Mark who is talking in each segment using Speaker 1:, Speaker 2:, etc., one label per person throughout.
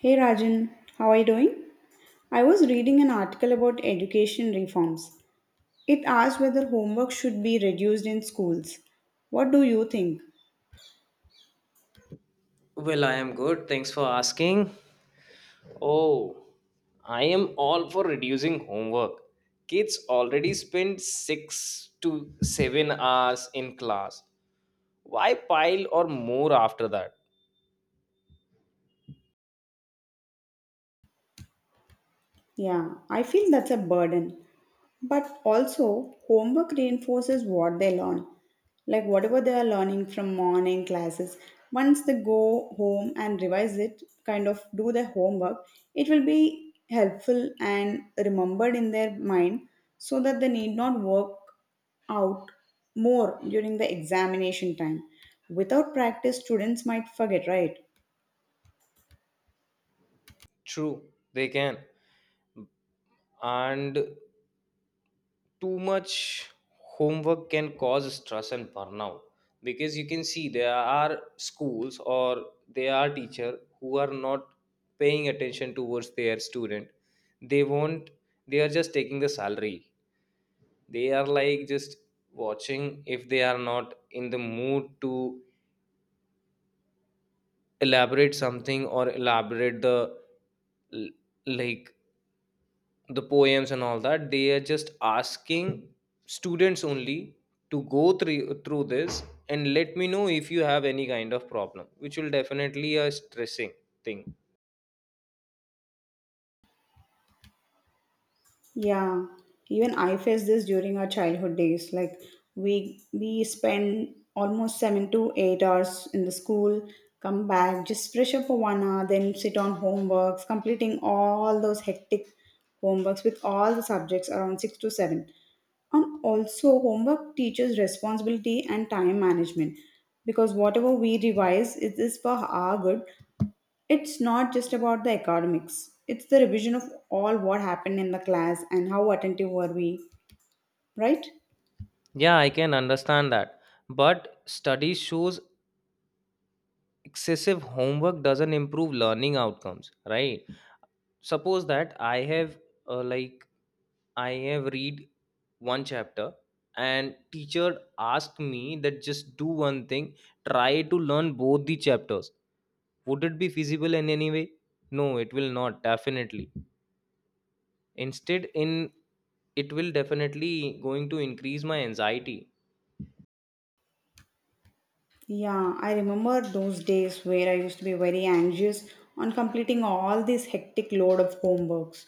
Speaker 1: Hey Rajan, how are you doing? I was reading an article about education reforms. It asked whether homework should be reduced in schools. What do you think?
Speaker 2: Well, I am good. Thanks for asking. Oh, I am all for reducing homework. Kids already spend 6 to 7 hours in class. Why pile or more after that?
Speaker 1: Yeah, I feel that's a burden. But also, homework reinforces what they learn. Like whatever they are learning from morning classes, once they go home and revise it, kind of do their homework, it will be helpful and remembered in their mind so that they need not work out more during the examination time. Without practice, students might forget, right?
Speaker 2: True, they can. And too much homework can cause stress and burnout, because you can see there are schools, or there are teacher who are not paying attention towards their student. They won't they are just taking the salary. They are like just watching. If they are not in the mood to elaborate something, or elaborate the l- like the poems and all that, they are just asking students only to go through this. And let me know if you have any kind of problem, which will definitely a stressing thing.
Speaker 1: Yeah, even I faced this during our childhood days. Like we spend almost 7 to 8 hours in the school, come back, just fresh up for 1 hour, then sit on homeworks, completing all those hectic homeworks with all the subjects around six to seven. And also homework teaches responsibility and time management because whatever we revise it is for our good. It's not just about the academics, it's the revision of all what happened in the class and how attentive were we, right?
Speaker 2: Yeah, I can understand that. But study shows excessive homework doesn't improve learning outcomes, right? Suppose that I have like I have read one chapter, and teacher asked me that just do one thing, try to learn both the chapters. Would it be feasible in any way? No, it will not, definitely. Instead, in it will definitely going to increase my anxiety.
Speaker 1: Yeah, I remember those days where I used to be very anxious on completing all this hectic load of homeworks.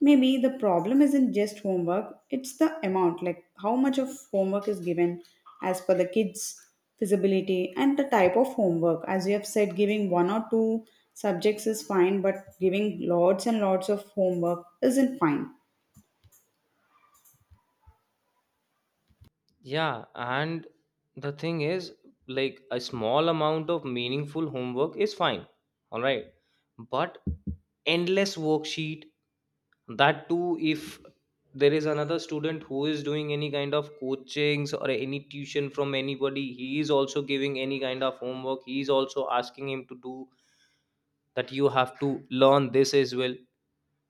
Speaker 1: Maybe the problem isn't just homework, it's the amount, like how much of homework is given as per the kids' feasibility and the type of homework. As you have said, giving one or two subjects is fine, but giving lots and lots of homework isn't fine.
Speaker 2: Yeah, and the thing is, like a small amount of meaningful homework is fine. All right. But endless worksheet, that too, if there is another student who is doing any kind of coachings or any tuition from anybody, he is also giving any kind of homework, he is also asking him to do that, you have to learn this as well.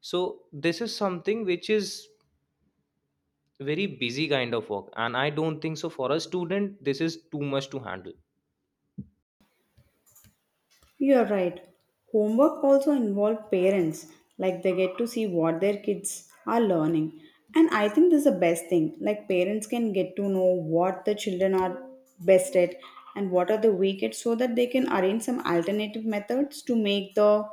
Speaker 2: So this is something which is very busy kind of work, and I don't think so for a student this is too much to handle.
Speaker 1: You are right. Homework also involves parents, like they get to see what their kids are learning. And I think this is the best thing. Like parents can get to know what the children are best at and what are the weak at so that they can arrange some alternative methods to make the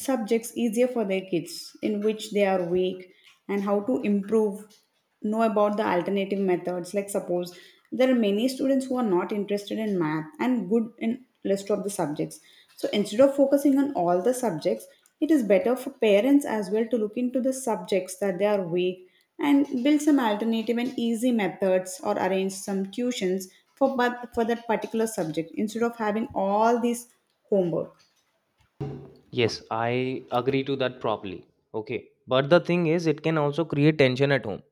Speaker 1: subjects easier for their kids in which they are weak, and how to improve, know about the alternative methods. Like suppose there are many students who are not interested in math and good in rest of the subjects, so instead of focusing on all the subjects, it is better for parents as well to look into the subjects that they are weak and build some alternative and easy methods or arrange some tuitions for, but for that particular subject instead of having all these homework.
Speaker 2: Yes, I agree to that properly. Okay. But the thing is, it can also create tension at home.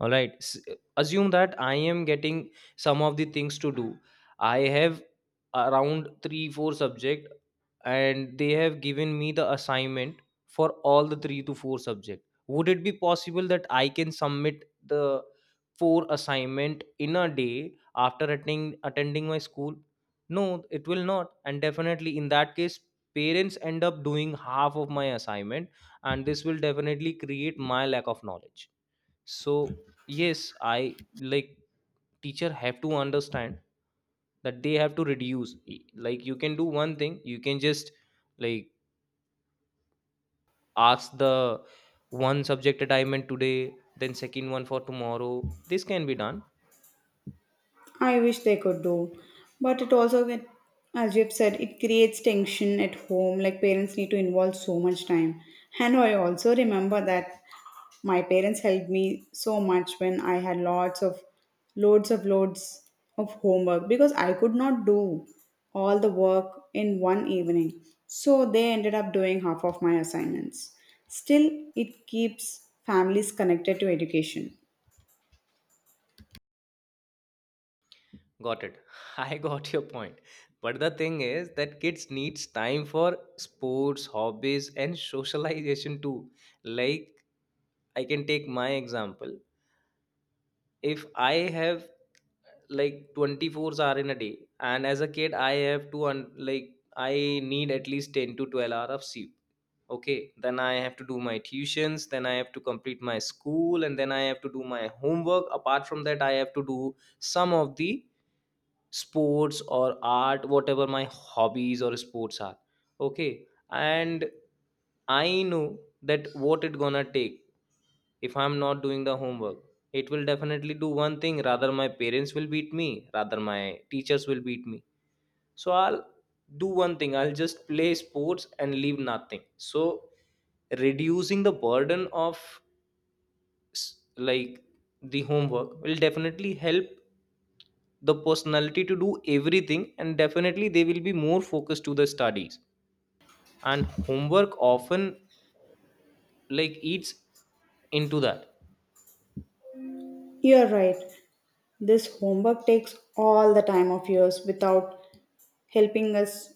Speaker 2: All right. Assume that I am getting some of the things to do. I have around 3 4 subject, and they have given me the assignment for all the three to four subject. Would it be possible that I can submit the four assignment in a day after attending my school? No, it will not, and definitely in that case parents end up doing half of my assignment, and this will definitely create my lack of knowledge. So yes, I like teacher have to understand that they have to reduce like you can do one thing. You can just like ask the one subject that I meant today, then second one for tomorrow. This can be done.
Speaker 1: I wish they could do. But it also, as you've said, it creates tension at home. Like parents need to involve so much time. And I also remember that my parents helped me so much when I had lots of loads of homework because I could not do all the work in one evening. So they ended up doing half of my assignments. Still, it keeps families connected to education.
Speaker 2: Got it. I got your point. But the thing is that kids needs time for sports, hobbies and socialization too. Like, I can take my example. If I have like 24 hours in a day, and as a kid I have to like I need at least 10 to 12 hours of sleep. Okay, then I have to do my tuitions, then I have to complete my school, and then I have to do my homework. Apart from that, I have to do some of the sports or art, whatever my hobbies or sports are. Okay. And I know that what it gonna take. If I'm not doing the homework, it will definitely do one thing. Rather my parents will beat me, rather my teachers will beat me. So I'll do one thing, I'll just play sports and leave nothing. So reducing the burden of like the homework will definitely help the personality to do everything, and definitely they will be more focused to the studies. And homework often like eats into that.
Speaker 1: You're right. This homework takes all the time of yours without helping us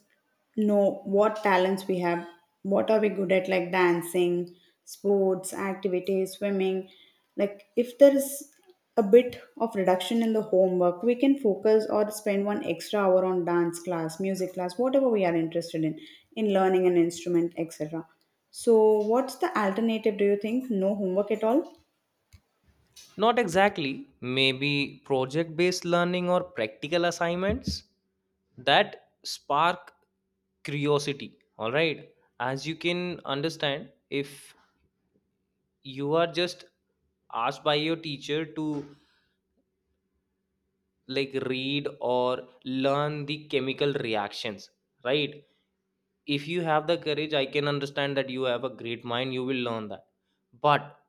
Speaker 1: know what talents we have. What are we good at, like dancing, sports, activities, swimming? Like, if there is a bit of reduction in the homework, we can focus or spend 1 extra hour on dance class, music class, whatever we are interested in learning an instrument, etc. So, what's the alternative, do you think? No homework at all?
Speaker 2: Not exactly. Maybe project based learning or practical assignments that spark curiosity. All right. As you can understand, if you are just asked by your teacher to like read or learn the chemical reactions, right? If you have the courage, I can understand that you have a great mind, you will learn that. But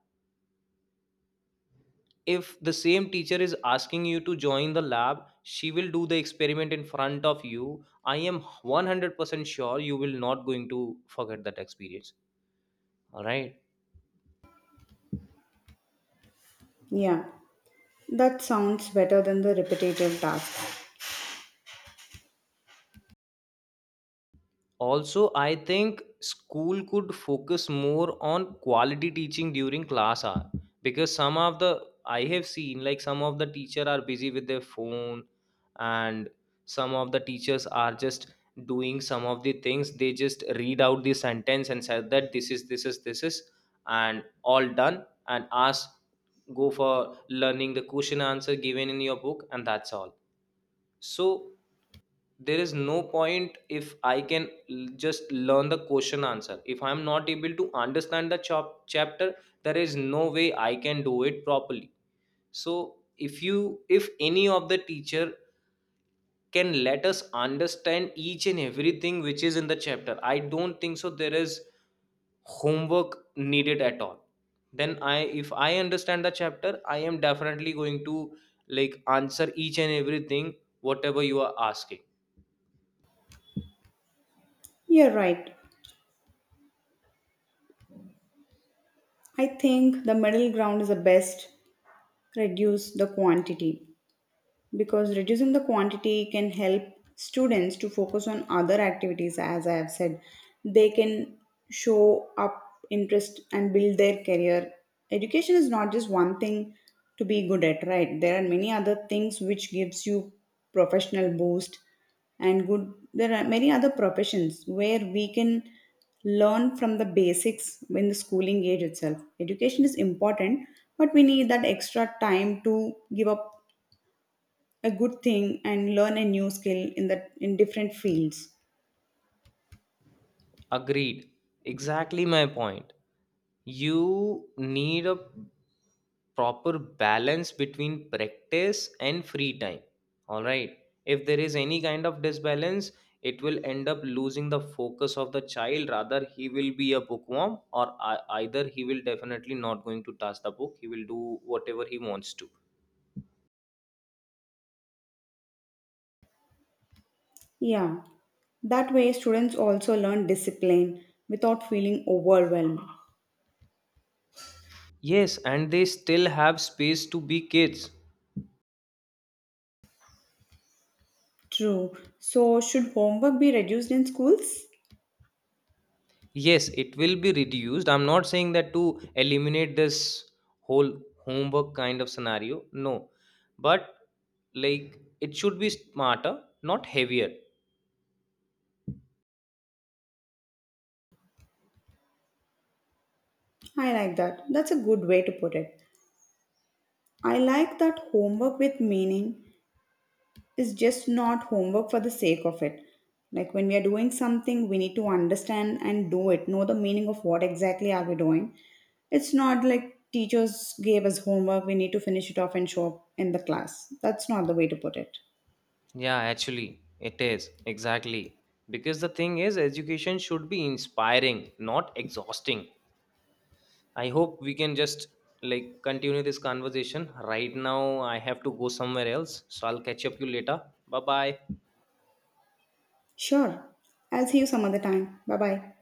Speaker 2: if the same teacher is asking you to join the lab, she will do the experiment in front of you, I am 100% sure you will not going to forget that experience. All right.
Speaker 1: Yeah. That sounds better than the repetitive tasks.
Speaker 2: Also, I think school could focus more on quality teaching during class hour, because some of the I have seen like some of the teacher are busy with their phone. And some of the teachers are just doing some of the things. They just read out the sentence and said that this is, and all done, and ask go for learning the question answer given in your book, and that's all. So there is no point if I can just learn the question answer. If I'm not able to understand the chapter, there is no way I can do it properly. So if any of the teacher can let us understand each and everything which is in the chapter, I don't think so there is homework needed at all. Then I if I understand the chapter, I am definitely going to like answer each and everything whatever you are asking.
Speaker 1: You're right. I think the middle ground is the best. Reduce the quantity, because reducing the quantity can help students to focus on other activities. As I have said, they can show up interest and build their career. Education is not just one thing to be good at, right? There are many other things which gives you professional boost and good. There are many other professions where we can learn from the basics in the schooling age itself. Education is important, but we need that extra time to give up a good thing and learn a new skill in different fields.
Speaker 2: Agreed. Exactly my point. You need a proper balance between practice and free time. All right. If there is any kind of disbalance, it will end up losing the focus of the child. Rather, he will be a bookworm, or either he will definitely not going to touch the book. He will do whatever he wants to.
Speaker 1: Yeah, that way students also learn discipline without feeling overwhelmed.
Speaker 2: Yes, and they still have space to be kids.
Speaker 1: True. So should homework be reduced in schools?
Speaker 2: Yes, it will be reduced. I'm not saying that to eliminate this whole homework kind of scenario. No. But like it should be smarter, not heavier.
Speaker 1: I like that. That's a good way to put it. I like that homework with meaning is just not homework for the sake of it. Like when we are doing something, we need to understand and do it, know the meaning of what exactly are we doing. It's not like teachers gave us homework, we need to finish it off and show up in the class. That's not the way to put it.
Speaker 2: Yeah, actually, it is. Exactly. Because the thing is, education should be inspiring, not exhausting. I hope we can just like continue this conversation. Right now, I have to go somewhere else. So I'll catch up you later. Bye bye.
Speaker 1: Sure. I'll see you some other time. Bye bye.